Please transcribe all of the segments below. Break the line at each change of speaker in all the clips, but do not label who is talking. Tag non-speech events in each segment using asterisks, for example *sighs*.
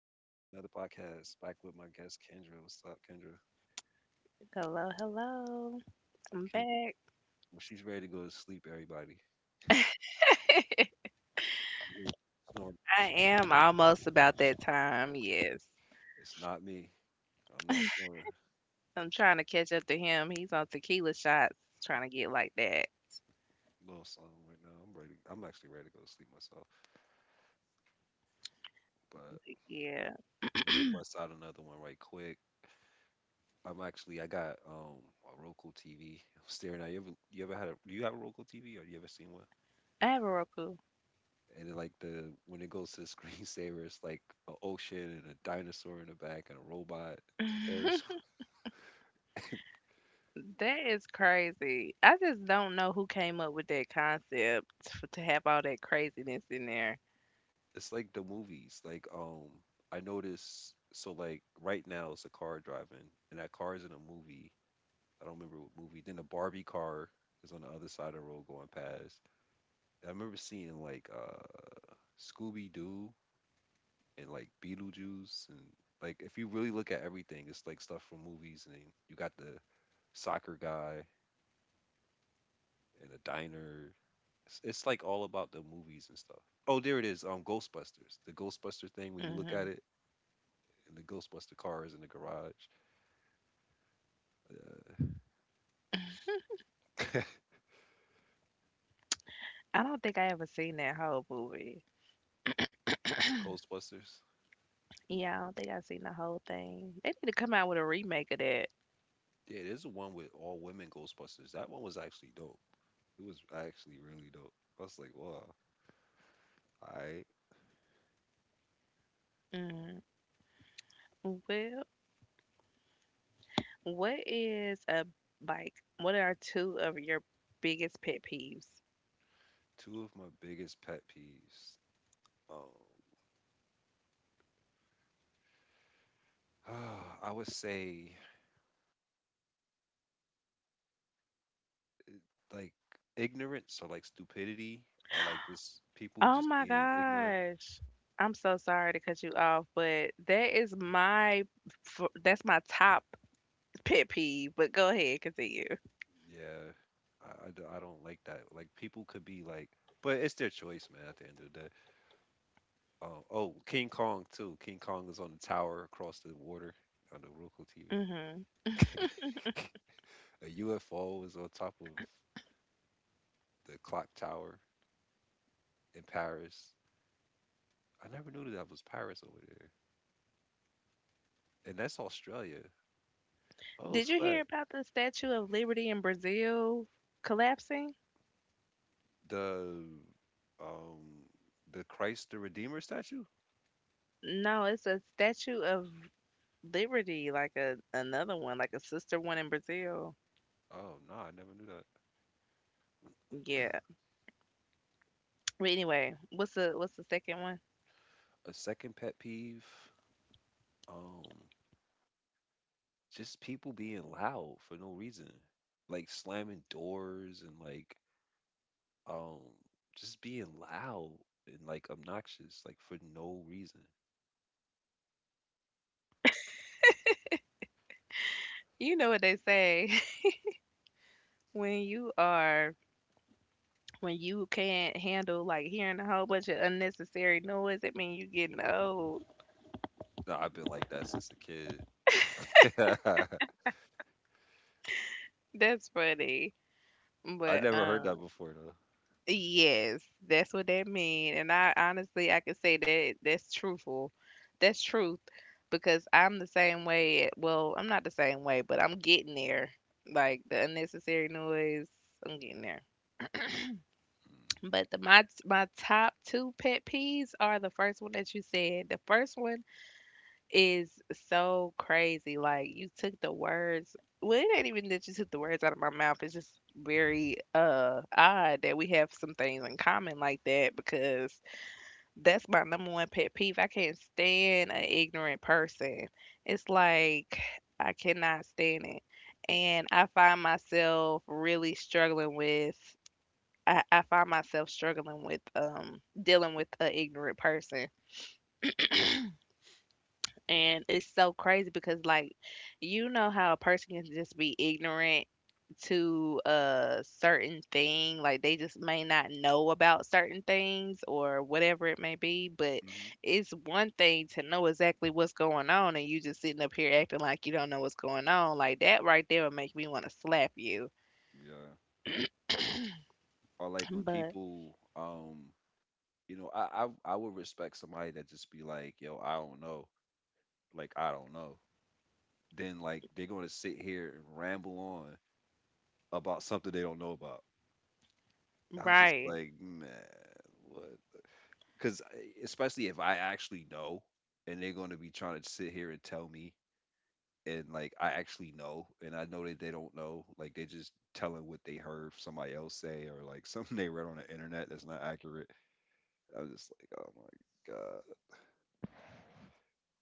podcast back with my guest Kendra. What's up, Kendra?
Hello, hello. I'm
Kendra,
back.
well, she's ready to go to sleep. Everybody, mhm, snoring.
I am almost about that time. Yes.
It's not me. I'm not snoring.
I'm trying to catch up to him. He's on tequila shots, trying to get like that.
Little song right now. I'm ready. I'm actually ready to go to sleep myself. But
Yeah.
we could bust out another one right quick. I'm actually, I got a Roku TV, am *laughs* staring at. You ever? You ever had a? Do you have a Roku TV or you ever seen one?
I have a Roku.
And it, like the when it goes to the *laughs* screensaver, it's like an ocean and a dinosaur in the back and a robot, Ferris,
That is crazy. I just don't know who came up with that concept to have all that craziness in there.
it's like the movies. I notice so like right now it's a car driving, and that car is in a movie. I don't remember what movie. Then the Barbie car is on the other side of the road going past. And I remember seeing Scooby Doo and like Beetlejuice and like if you really look at everything, it's like stuff from movies. And then you got the soccer guy and a diner. It's like all about the movies and stuff. Oh, there it is. Ghostbusters. The Ghostbuster thing. When you look
Hmm.
at it, and the Ghostbuster car is in the garage. Uh,
I don't think I ever seen that whole movie.
*laughs* Ghostbusters.
Yeah, I don't think I've seen the whole thing. They need to come out with a remake of that.
Yeah, there's the one with all women Ghostbusters. That one was actually dope. It was actually really dope. I was like, wow. I
Mm. Well, What is a like? What are two of your biggest pet peeves?
two of my biggest pet peeves. Um, *sighs* I would say like ignorance or like stupidity or like just people
Oh
just
my
being ignorant.
gosh. I'm so sorry to cut you off, but that is that's my top pet peeve. But go ahead, continue.
Yeah, I don't like that. Like people could be like, but it's their choice, man, at the end of the day. Oh, King Kong too. King Kong is on the tower across the water on the local TV.
Hmm.
*laughs* A UFO is on top of the clock tower in Paris. I never knew that that was Paris over there, and that's Australia. Oh,
Did you hear
sweat,
about the Statue of Liberty in Brazil collapsing?
the um the Christ the Redeemer statue.
No, it's a Statue of Liberty, like a another one, like a sister one in Brazil.
Oh no, I never knew that.
Yeah. But anyway, what's the second one?
A second pet peeve, um, just people being loud for no reason, like slamming doors and um just being loud and like obnoxious like for no reason.
You know what they say. When you are when you can't handle, like, hearing a whole bunch of unnecessary noise, it mean you getting old.
No, I've been like that since a kid. *laughs*
That's funny.
I
But,
never heard that before though.
yes, that's what that mean, and I honestly, I can say that that's truthful. That's truth because I'm the same way at well, I'm not the same way, but I'm getting there. Like, the unnecessary noise, I'm getting there. But the my my top 2 pet peeves are the first one that you said. The first one is so crazy. Like you took the words. Well, it ain't even that you took the words out of my mouth. It's just very odd that we have some things in common like that because that's my number one pet peeve. I can't stand an ignorant person. It's like I cannot stand it. And I find myself really struggling with I find myself struggling with dealing with an ignorant person. And it's so crazy because like you know how a person can just be ignorant to a certain thing, like they just may not know about certain things or whatever it may be, but
Mm-hmm.
it's one thing to know exactly what's going on and you just sitting up here acting like you don't know what's going on. Like that right there would make me want to slap you.
Yeah. Or like when
But
people, you know, I would respect somebody that just be like, yo, I don't know, like I don't know. Then like they're gonna sit here and ramble on about something they don't know about. I'm just
right,
like, man, what? Because especially if I actually know, and they're going to be trying to sit here and tell me, and like I actually know, and I know that they don't know, like they just telling what they heard somebody else say or like *laughs* something they read on the internet that's not accurate. I'm just like, oh my god,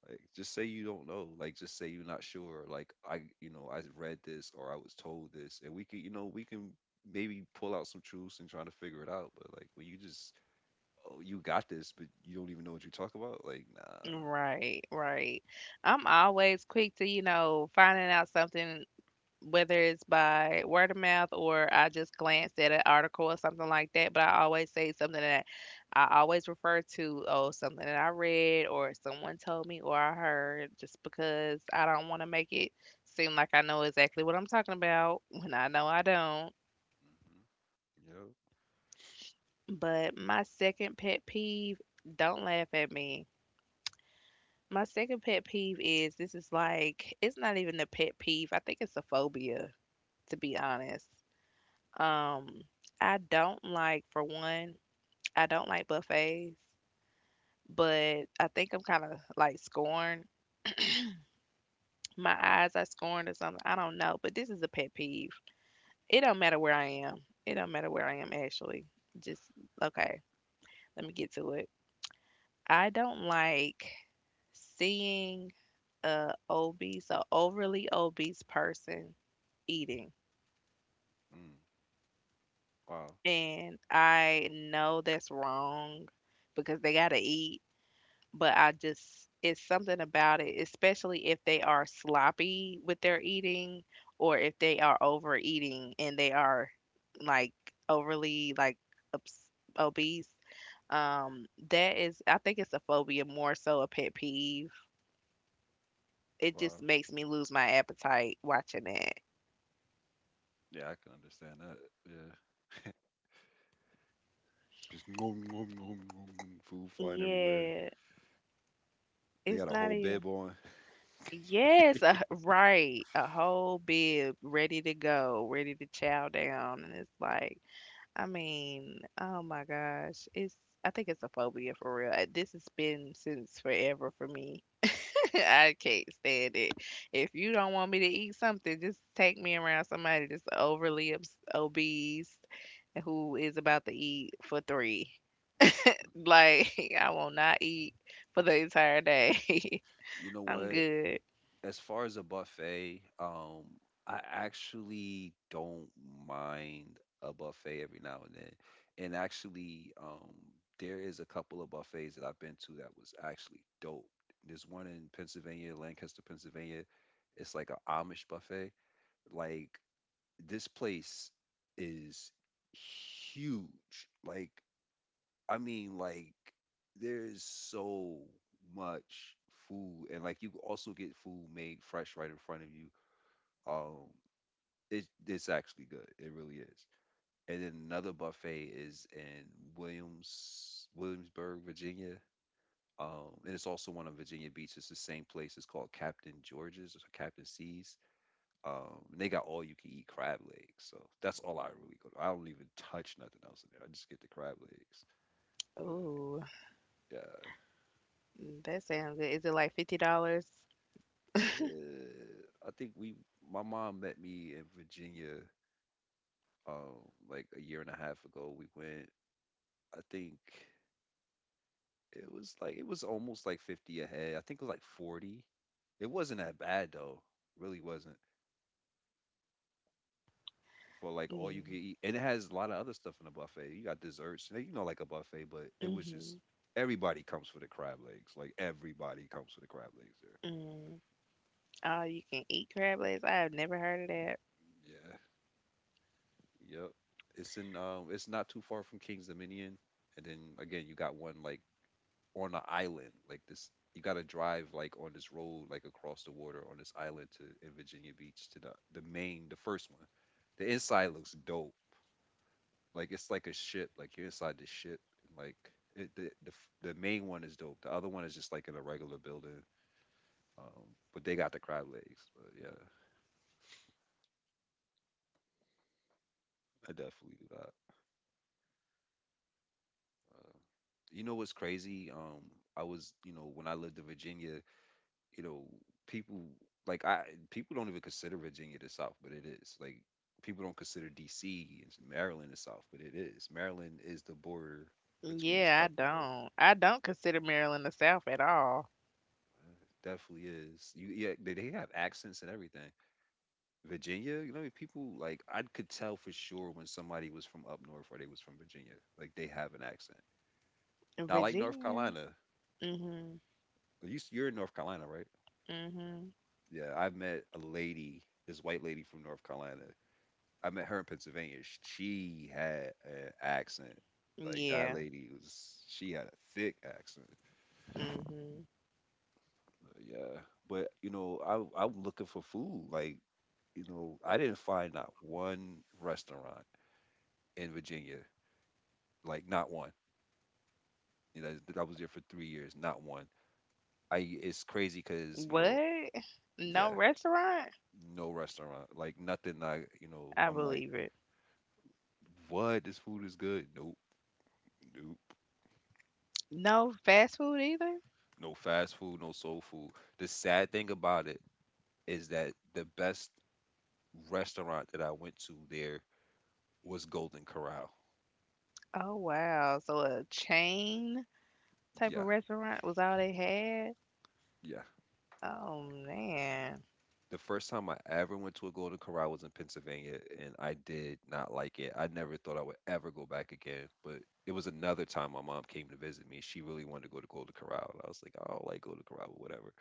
like just say you don't know, like just say you're not sure, like I, you know, I read this or I was told this, and we can, you know, we can maybe pull out some truths and trying to figure it out, but like when you just, oh, you got this, but you don't even know what you talk about, like nah. Mm-hmm.
right. I'm always quick to, you know, finding out something, whether it's by word of mouth or I just glanced at an article or something like that, but I always say something that I always refer to, oh, something that I read or someone told me or I heard, just because I don't want to make it seem like I know exactly what I'm talking about when I know I don't.
Yep.
But my second pet peeve, don't laugh at me. My second pet peeve is it's not even a pet peeve. I think it's a phobia, to be honest. Um, I don't like, for one, I don't like buffets, but I think I'm kind of like scorned. My eyes are scorned or something. I don't know, but this is a pet peeve. It don't matter where I am. It don't matter where I am actually. Just okay. Let me get to it. I don't like seeing a obese or overly obese person eating,
Mm. Wow.
and I know that's wrong because they gotta eat, but I just, it's something about it, especially if they are sloppy with their eating or if they are overeating and they are like overly like obs- obese. Um, that is, I think it's a phobia more so a pet peeve. It
Wow.
just makes me lose my appetite watching it.
Yeah, I can understand that. Yeah. *laughs* Just nom, nom, nom, nom, nom, food flying everywhere.
Yeah,
They
it's
got a
not
whole
even.
bib on.
Yes, *laughs* right. A whole bib ready to go, ready to chow down, and it's like, I mean, oh my gosh, it's I think it's a phobia for real. This has been since forever for me. *laughs* I can't stand it. If you don't want me to eat something, just take me around somebody that's obese who is about to eat for three. Like *laughs* I will not eat for the entire day.
You know
*laughs* I'm
what?
good.
As far as a buffet, I actually don't mind a buffet every now and then. And actually, there is a couple of buffets that I've been to that was actually dope. There's one in Pennsylvania, Lancaster, Pennsylvania. It's like an Amish buffet. Like this place is huge. Like, I mean, like, there's so much food, and like, you can also get food made fresh right in front of you. Um, it's actually good. It really is. And then another buffet is in Williamsburg, Virginia. And it's also one on Virginia Beach. It's the same place. It's called Captain George's or Captain C's. And they got all you can eat crab legs, so that's all I really go to. I don't even touch nothing else in there. I just get the crab legs. But
Oh,
yeah,
that sounds good. Is it like $50?
I think we my mom met me in Virginia, um, like a year and a half ago. We went. I think it was, like it was almost like 50 ahead. I think it was like 40. It wasn't that bad though. Really wasn't. For like all
Yeah.
you can eat, and it has a lot of other stuff in the buffet. You got desserts, you know, like a buffet, but it was just
Mhm.
everybody comes for the crab legs. Like everybody comes for the crab legs
Mm. Oh, you can eat crab legs? I have never heard of that.
there. Yeah, yep. It's in it's not too far from King's Dominion, and then again, you got one like on the island, like this. You gotta drive like on this road, like across the water on this island to in Virginia Beach to the main, the first one. The inside looks dope. Like it's like a ship. Like you're inside the ship, and like it, the f- the main one is dope. The other one is just like in a regular building. But they got the crab legs. But yeah, I definitely do that. Uh, you know what's crazy? I was You know, when I lived in Virginia, you know, people like I people don't even consider Virginia the South, but it is. Like people don't consider D.C. and Maryland the South, but it is. Maryland is the border between
Yeah,
South and North.
I don't consider Maryland the South at all.
Uh, Definitely is. You Yeah, they have accents and everything. Virginia, you know, people like I could tell for sure when somebody was from up north or they was from Virginia. Like they have an accent. Not like North
Virginia.
Carolina.
Mhm.
You're in North Carolina, right?
Mhm.
Yeah, I've met a lady, this white lady from North Carolina. I met her in Pennsylvania. She had an accent. Like that
Yeah.
lady was, she had a thick accent.
Mhm.
But yeah, but you know, I I'm looking for food. Like you know, I didn't find not one restaurant in Virginia. Like not one. You know, that I was there for 3 years, not one. I It's crazy because you know,
What?
yeah,
No restaurant?
no restaurant, like nothing. I, you know,
I
I'm like,
believe it.
what? This food is good. Nope, nope.
No fast food either?
No fast food, no soul food. The sad thing about it is that the best restaurant that I went to there was Golden Corral.
Oh wow. So a chain type
Yeah,
of restaurant was all they had?
yeah.
Oh man.
The first time I ever went to a Golden Corral was in Pennsylvania, and I did not like it. I never thought I would ever go back again. But it was another time my mom came to visit me. She really wanted to go to Golden Corral. And I was like, I don't like Golden Corral, but whatever.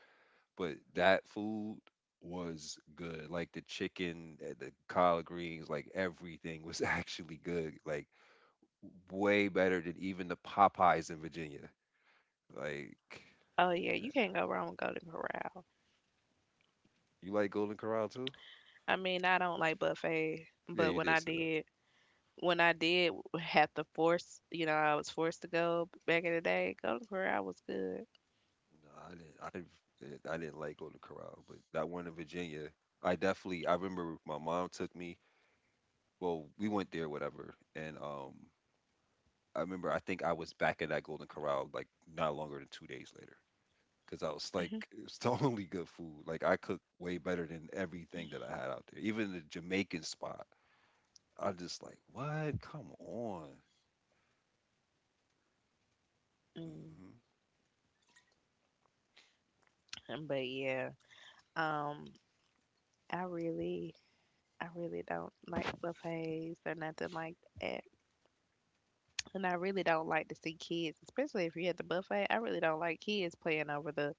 But that food was good. Like the chicken, eh, the collard greens, like everything was *laughs* actually good. Like way better than even the Popeyes in Virginia. Like,
Oh yeah, you can't go wrong with Golden Corral.
you like Golden Corral too?
I mean, I don't like buffet,
Yeah,
but
you did say.
when I did have to force, you know, I was forced to go back in the day, go to where I was good.
No, I didn't. I didn't. I didn't like Golden Corral, but that one in Virginia, I definitely. I remember my mom took me. Well, we went there, whatever, and I remember. I think I was back at that Golden Corral like not longer than 2 days later, because I was
Mhm.
like, *laughs* it's totally good food. Like I cooked way better than everything that I had out there, even the Jamaican spot. I'm just like, what? Come on.
Mm,
Hmm.
but yeah, um, I really, I really don't like buffets or nothing like that, and I really don't like to see kids, especially if you're at the buffet. I really don't like kids playing over the,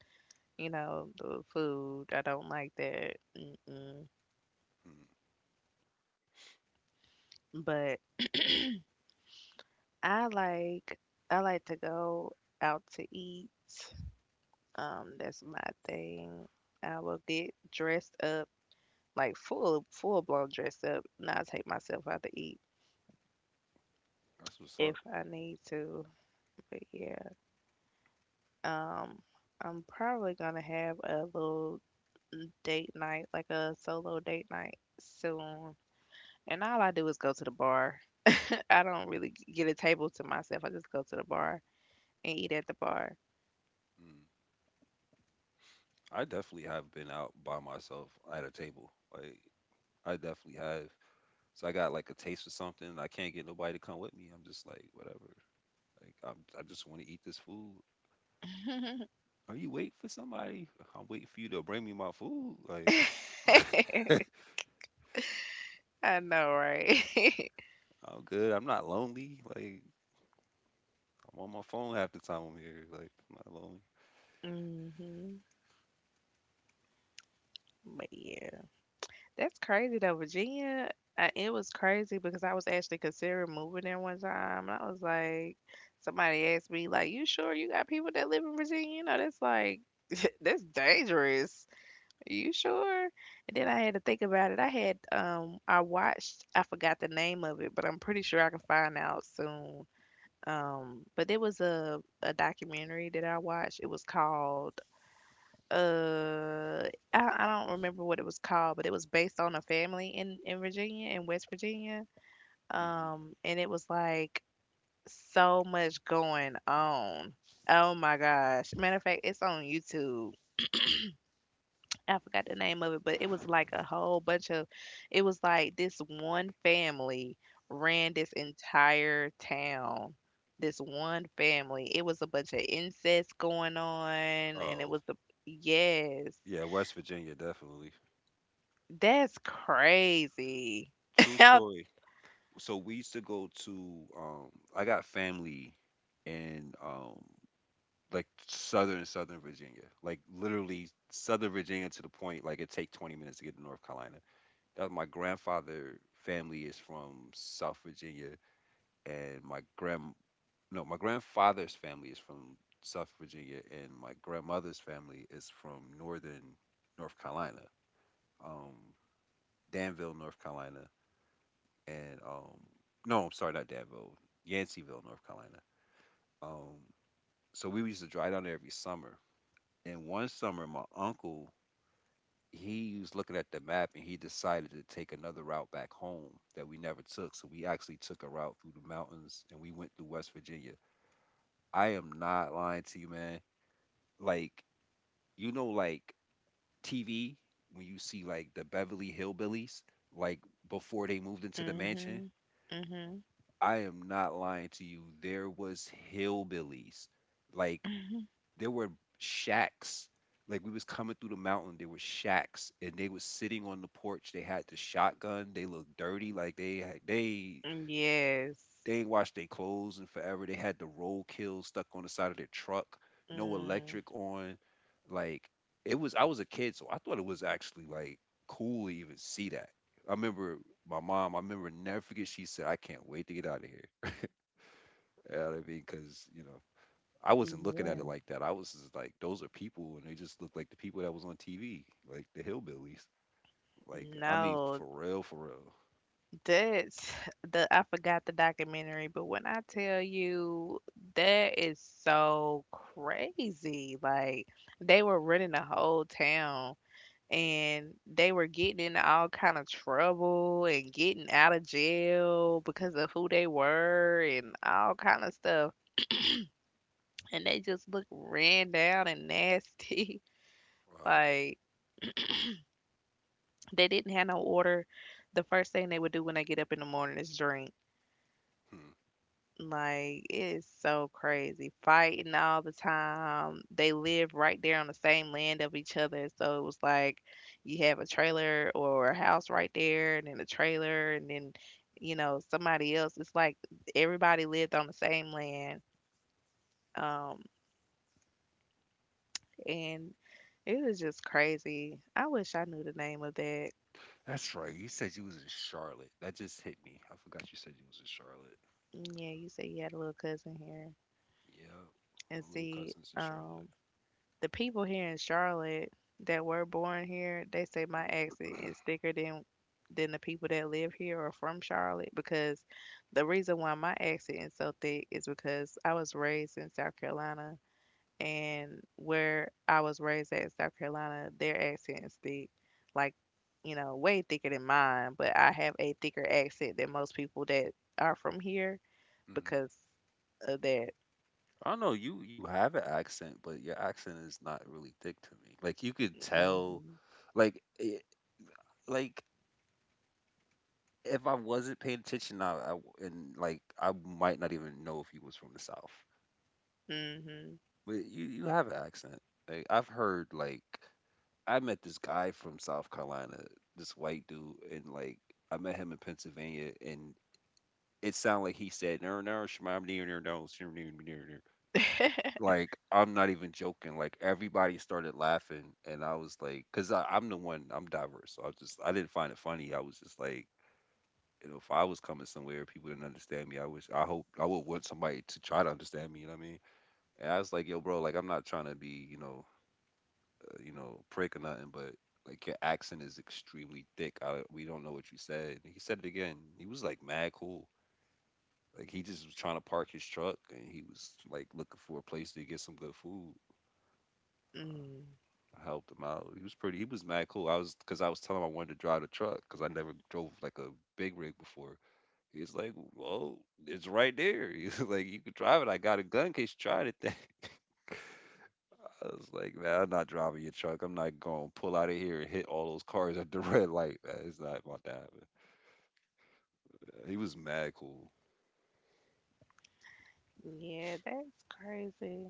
you know, the food. I don't like that. Mm-mm.
Mm.
But I like, I like to go out to eat. That's my thing. I will get dressed up, like full blown dressed up, and I take myself out to eat
That's what's
if
up.
I need to. But yeah, um, I'm probably gonna have a little date night, like a solo date night soon. And all I do is go to the bar. *laughs* I don't really get a table to myself. I just go to the bar and eat at the bar.
Mm. I definitely have been out by myself at a table. Like I definitely have. So I got like a taste for something. I can't get nobody to come with me. I'm just like, whatever. I just want to eat this food.
*laughs*
Are you waiting for somebody? I'm waiting for you to bring me my food. Like *laughs*
I know, right?
I'm good. I'm not lonely. Like I'm on my phone half the time I'm here. Like I'm not lonely.
*laughs* Hmm. But yeah. That's crazy though, Virginia. It was crazy because I was actually considering moving there one time, and I was like, somebody asked me like, "You sure you got people that live in Virginia?" You know, that's like *laughs* that's dangerous. Are you sure? And then I had to think about it. I watched. I forgot the name of it, but I'm pretty sure I can find out soon. But there was a documentary that I watched. It was called uh I don't remember what it was called, but it was based on a family in Virginia, in West Virginia.
Hmm.
And it was like so much going on. Oh my gosh. Matter of fact, it's on YouTube. I forgot the name of it, but it was like a whole bunch of it was like this one family ran this entire town. This one family. It was a bunch of incest going on and it
Oh
was a yes.
yeah, West Virginia definitely.
That's crazy.
True
*laughs* How.
story. So we used to go to. I got family in like southern southern Virginia, like literally southern Virginia to the point like it take 20 minutes to get to North Carolina. That my grandfather family is from South Virginia, and my grand no my grandfather's family is from South Virginia, and my grandmother's family is from northern North Carolina, um Danville, North Carolina, and no I'm sorry, not Danville, Yanceyville, North Carolina. Um, so we used to drive down there every summer. And one summer, my uncle, he was looking at the map and he decided to take another route back home that we never took. So we actually took a route through the mountains and we went through West Virginia. I am not lying to you, man. Like, like TV, when you see like the Beverly Hillbillies, like before they moved into the mansion,
Mhm. Mhm.
I am not lying to you. There was hillbillies. Like
Mhm.
there were shacks. Like we was coming through the mountain, there were shacks, and they was sitting on the porch. They had the shotgun. They looked dirty, like they had, they
Yes.
they ain't washed their clothes in forever. They had the roll kill stuck on the side of their truck. No
Mm,
electric on. Like it was. I was a kid, so I thought it was actually like cool to even see that. I remember my mom. I remember never forget. She said, "I can't wait to get out of here." You know what I mean? Because you know I wasn't looking at it
yeah.
like that. I was just like, those are people, and they just look like the people that was on TV, like the hillbillies. Like, I mean,
No,
for real, for real.
that's *sighs* the I forgot the documentary, but when I tell you that is so crazy. Like they were running the whole town and they were getting into all kind of trouble and getting out of jail because of who they were and all kind of stuff, and they just look ran down and nasty. *laughs*
Uh,
Like they didn't have no order. The first thing they would do when they get up in the morning is drink.
hmm.
Like it is so crazy, fighting all the time. They live right there on the same land of each other, so it was like you have a trailer or a house right there, and then a trailer, and then you know somebody else. It's like everybody lived on the same land, um, and it was just crazy. I wish I knew the name of that.
That's right. You said you was in Charlotte. That just hit me. I forgot you said you was in Charlotte.
Mm, yeah, you said you had a little cousin here.
Yeah,
And
my little
see,
cousin's in Charlotte.
the people here in Charlotte that were born here, they say my accent is thicker than the people that live here or from Charlotte because the reason why my accent is so thick is because I was raised in South Carolina, and where I was raised at in South Carolina, their accent is thick. Like, you know, way thicker than mine, but I have a thicker accent than most people that are from here
Hmm.
because of that.
I don't know. You have an accent, but your accent is not really thick to me. Like you could tell,
Mhm.
like it, like if I wasn't paying attention, and like I might not even know if you was from the South.
Mhm.
But you have an accent. Like I've heard like I met this guy from South Carolina, this white dude, and like I met him in Pennsylvania, and it sounded like he said no no shmam, near, near, no, shmam, near, near, near."
*laughs*
Like I'm not even joking. Like everybody started laughing, and I was like, because I'm the one, I'm diverse, so I just I didn't find it funny. I was just like. You know, if I was coming somewhere, people didn't understand me. I wish, I hope, I would want somebody to try to understand me. You know what I mean? And I was like, yo, bro, like I'm not trying to be, you know, prick or nothing, but like your accent is extremely thick. I, we don't know what you said. And he said it again. He was like mad cool. Like he just was trying to park his truck and he was like looking for a place to get some good food.
Mm.
I helped him out. He was pretty. He was mad cool. I was because I was telling him I wanted to drive the truck because I never drove like a big rig before. He's like, well, it's right there. *laughs* He's like, you could drive it. I got a gun in case you tried it. *laughs* I was like, man, I'm not driving your truck. I'm not going to pull out of here and hit all those cars at the *laughs* red light. Man, it's not about to happen. He was mad cool.
Yeah, that's crazy.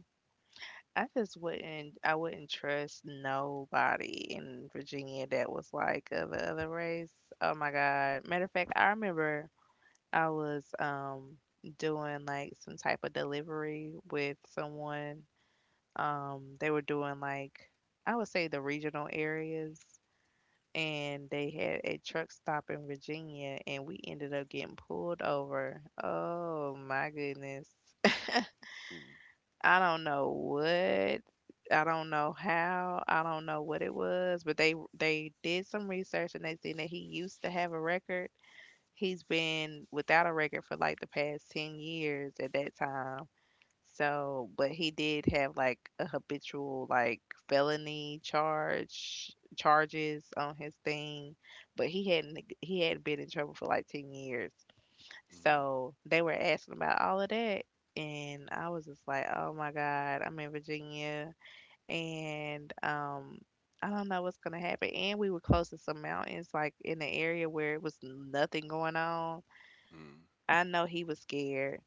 I wouldn't trust nobody in Virginia that was like of a other race. Oh my God. Matter of fact, I remember I was doing like some type of delivery with someone. They were doing like, I would say, the regional areas, and they had a truck stop in Virginia and we ended up getting pulled over. Oh my goodness. *laughs*
Mm,
I don't know what, I don't know how, I don't know what it was, but they did some research and they seen that he used to have a record. He's been without a record for like the past 10 years at that time. So, but he did have like a habitual like felony charge charges on his thing, but he hadn't been in trouble for like 10 years.
mm,
So, they were asking about all of that and I was just like, "Oh my God, I'm in Virginia and I don't know what's gonna happen." And we were close to some mountains, like in the area where it was nothing going on.
mm.
I know he was scared.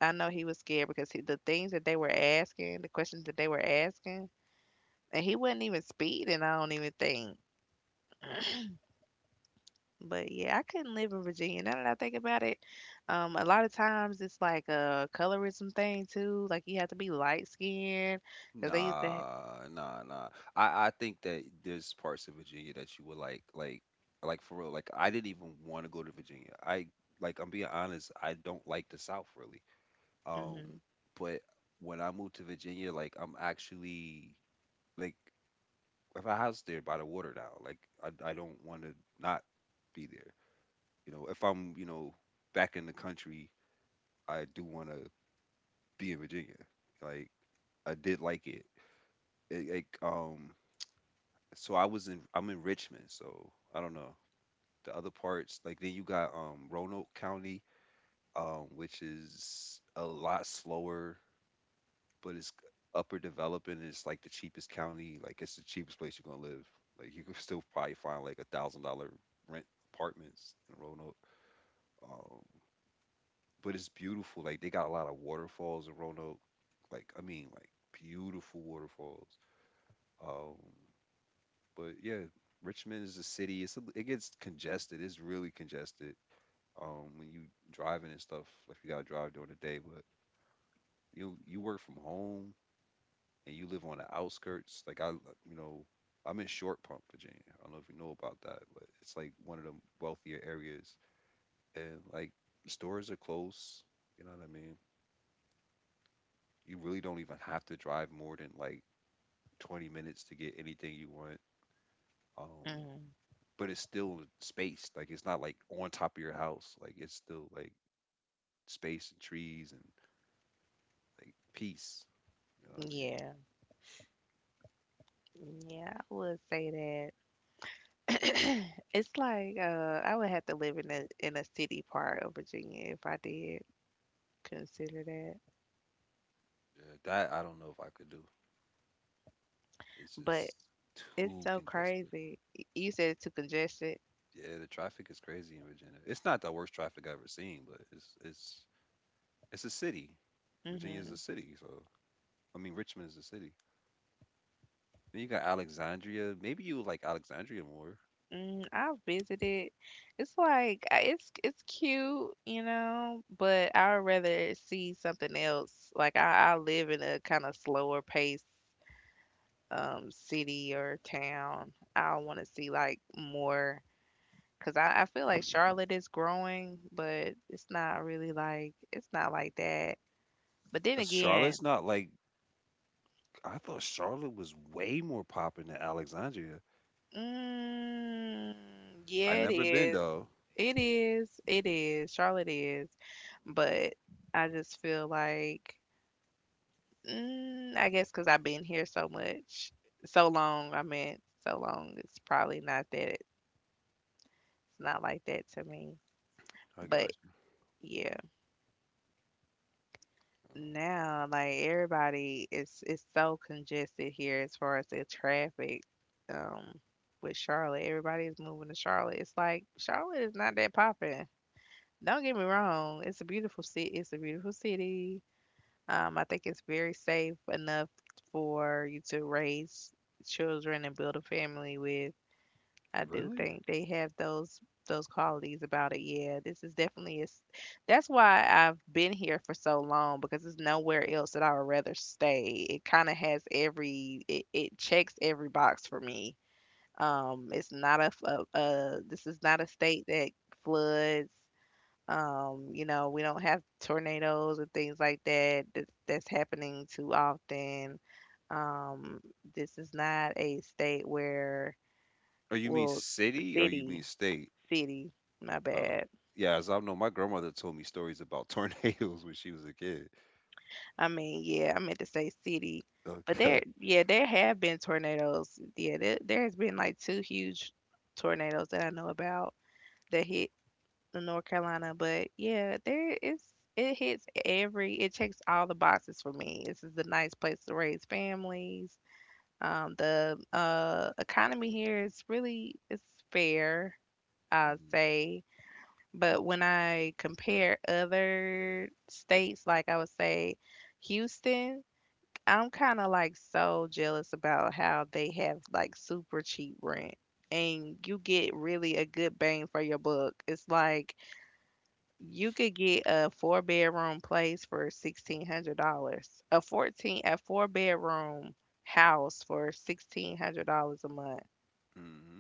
I know he was scared because the things that they were asking, the questions that they were asking, and he wasn't even speeding, I don't even think. But yeah, I couldn't live in Virginia. Now that I think about it, a lot of times it's like a colorism thing too. Like you have to be light skinned because they used to.
Nah, nah, nah. I think that there's parts of Virginia that you would like for real. Like, I didn't even want to go to Virginia. I, like, I'm being honest, I don't like the South really. Um,
Mm
but when I moved to Virginia, like, I'm actually, like, if I house there by the water now. Like I don't want to not be there. You know, if I'm you know back in the country, I do want to be in Virginia. Like I did like it. It- Like um, so I was in I'm in Richmond, so I don't know the other parts. Like then you got Roanoke County, which is a lot slower. But it's upper developing. It's like the cheapest county. Like it's the cheapest place you're gonna live. Like you can *laughs* still probably find like a $1000 rent apartments in Roanoke. Um, but it's beautiful. Like they got a lot of waterfalls in Roanoke. Like I mean, like beautiful waterfalls. Um, but yeah, Richmond is a city. It's a, it gets congested. It's really congested. When you driving and stuff, like you gotta drive during the day, but you work from home. And you live on the outskirts, like I, you know, I'm in Short Pump, Virginia. I don't know if you know about that, but it's like one of the wealthier areas, and like stores are close. You know what I mean? You really don't even have to drive more than like 20 minutes to get anything you want. Um,
mm
but it's still spaced. Like it's not like on top of your house. Like it's still like space and trees and like peace. You know what I mean?
Yeah, yeah, I would say that. *coughs* *clears throat* It's like I would have to live in a city part of Virginia if I did consider that.
Yeah, that I don't know if I could do. It's
But
just
It's
too
so
congested.
crazy. You said it's too congested.
Yeah, the traffic is crazy in Virginia. It's not the worst traffic I've ever seen, but it's it's a city. Virginia is a
Hmm.
city, so I mean Richmond is a city. Then you got Alexandria. Maybe you like Alexandria more.
Mm, I've visited. It's like it's cute, you know, but I'd rather see something else. Like I live in a kind of slower pace city or town. I want to see like more because I feel like Charlotte is growing, but it's not really like it's not like that. But then again,
Charlotte's not like I thought Charlotte was way more popping than Alexandria.
mm,
I
yeah, it
never been
is.
though.
It is. It is. Charlotte is. But I just feel like, mm, I guess because I've been here so so long, I meant so long, it's probably not that, it's not like that to me.
I
But
got you.
yeah,
Oh,
now, like everybody, is it's so congested here as far as the traffic. Um, with Charlotte, everybody is moving to Charlotte. It's like Charlotte is not that popping. Don't get me wrong, it's a beautiful city. It's a beautiful city. I think it's very safe enough for you to raise children and build a family with. I do
really?
think they have those qualities about it. Yeah, this is definitely is that's why I've been here for so long, because there's nowhere else that I would rather stay. It kind of has every it, it checks every box for me. It's not a, f- a this is not a state that floods. You know, we don't have tornadoes and things like that that that's happening too often. Um, this is not a state
Or you mean
well,
city or you
city,
mean state?
city, my
Uh,
bad.
yeah, as I know, my grandmother told me stories about *laughs* tornadoes when she was a kid.
I mean, yeah, I meant to say city, but
Okay.
yeah, there have been tornadoes. Yeah, there has been like two huge tornadoes that I know about that hit in North Carolina. But yeah, there is it hits every it checks all the boxes for me. This is a nice place to raise families. The economy here is really it's fair, I'd
Mm-hmm.
say. But when I compare other states, like I would say Houston, I'm kind of like so jealous about how they have like super cheap rent and you get really a good bang for your buck. It's like you could get a four-bedroom place for $1,600. A four bedroom house for $1,600 a month.
Mm-hmm.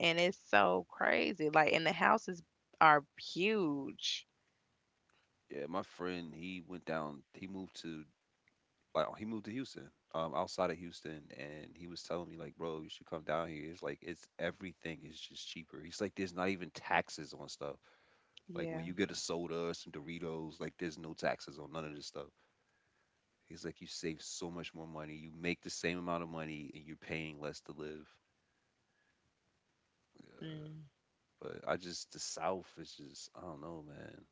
And it's so crazy. Like and the houses are huge.
Yeah, my friend, he went down. He moved to like he moved to Houston, outside of Houston, and he was telling me like, bro, you should come down here. It's like it's everything is just cheaper. He's like, there's not even taxes on stuff. Like
Yeah.
when you get a soda or some Doritos, like there's no taxes on none of this stuff. He's like, you save so much more money. You make the same amount of money, and you're paying less to live. Yeah,
Mm,
but I just the South is just I don't know, man.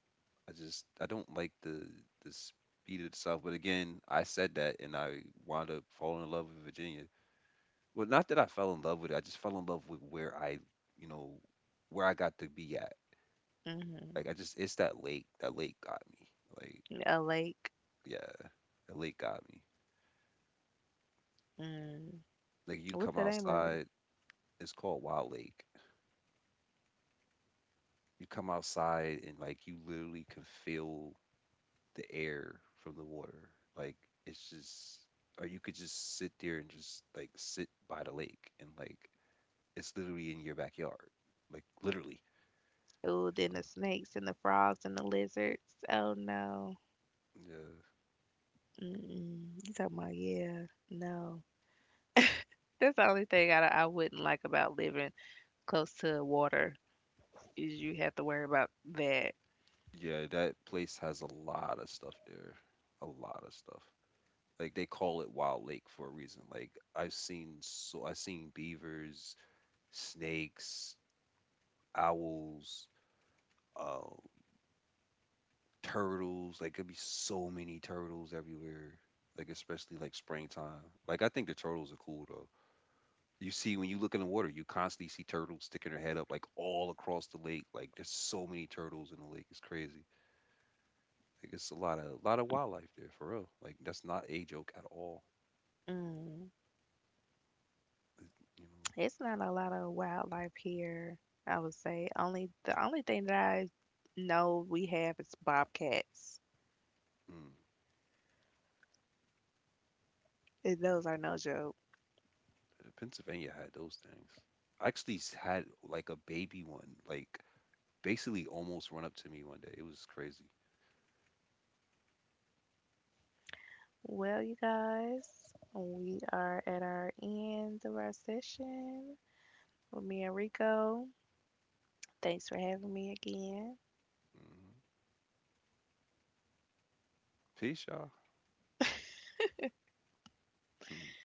I don't like the speed itself. But again, I said that and I wound up falling in love with Virginia. Well, not that I fell in love with it. I just fell in love with where I, you know, where I got to be at.
mhm.
Like I just it's that lake. That lake got me. Like
A lake.
yeah, that lake got me.
Mm.
Like you
What's
come
the name of it?
outside, it's called Wild Lake. You come outside and like you literally can feel the air from the water. Like it's just or you could just sit there and just like sit by the lake and like it's literally in your backyard. Like literally,
Oh,
you
then
know.
the snakes and the frogs and the lizards. Oh no.
Yeah.
Mm-mm. You talking about, yeah? No. That's the only thing I wouldn't like about living close to water is you have to worry about that.
Yeah, that place has a lot of stuff there. A lot of stuff. Like they call it Wild Lake for a reason. Like I've seen beavers, snakes, owls, um turtles. Like, it'd be so many turtles everywhere. Like, especially like springtime. Like, I think the turtles are cool though. You see, when you look in the water, you constantly see turtles sticking their head up like all across the lake. Like, there's so many turtles in the lake. It's crazy. Like, it's a lot of wildlife there for real. Like, that's not a joke at all.
Mm.
It- you
It's not a lot of wildlife here, I would say. Only the only thing that I know we have is bobcats.
know, mm.
And those are no joke.
Pennsylvania had those things. I actually s- had like a baby one, like basically almost run up to me one day. It was crazy.
Well, you guys, we are at our end of our session with me and Rico. Thanks for having me again.
Hmm. Peace, y'all. *laughs*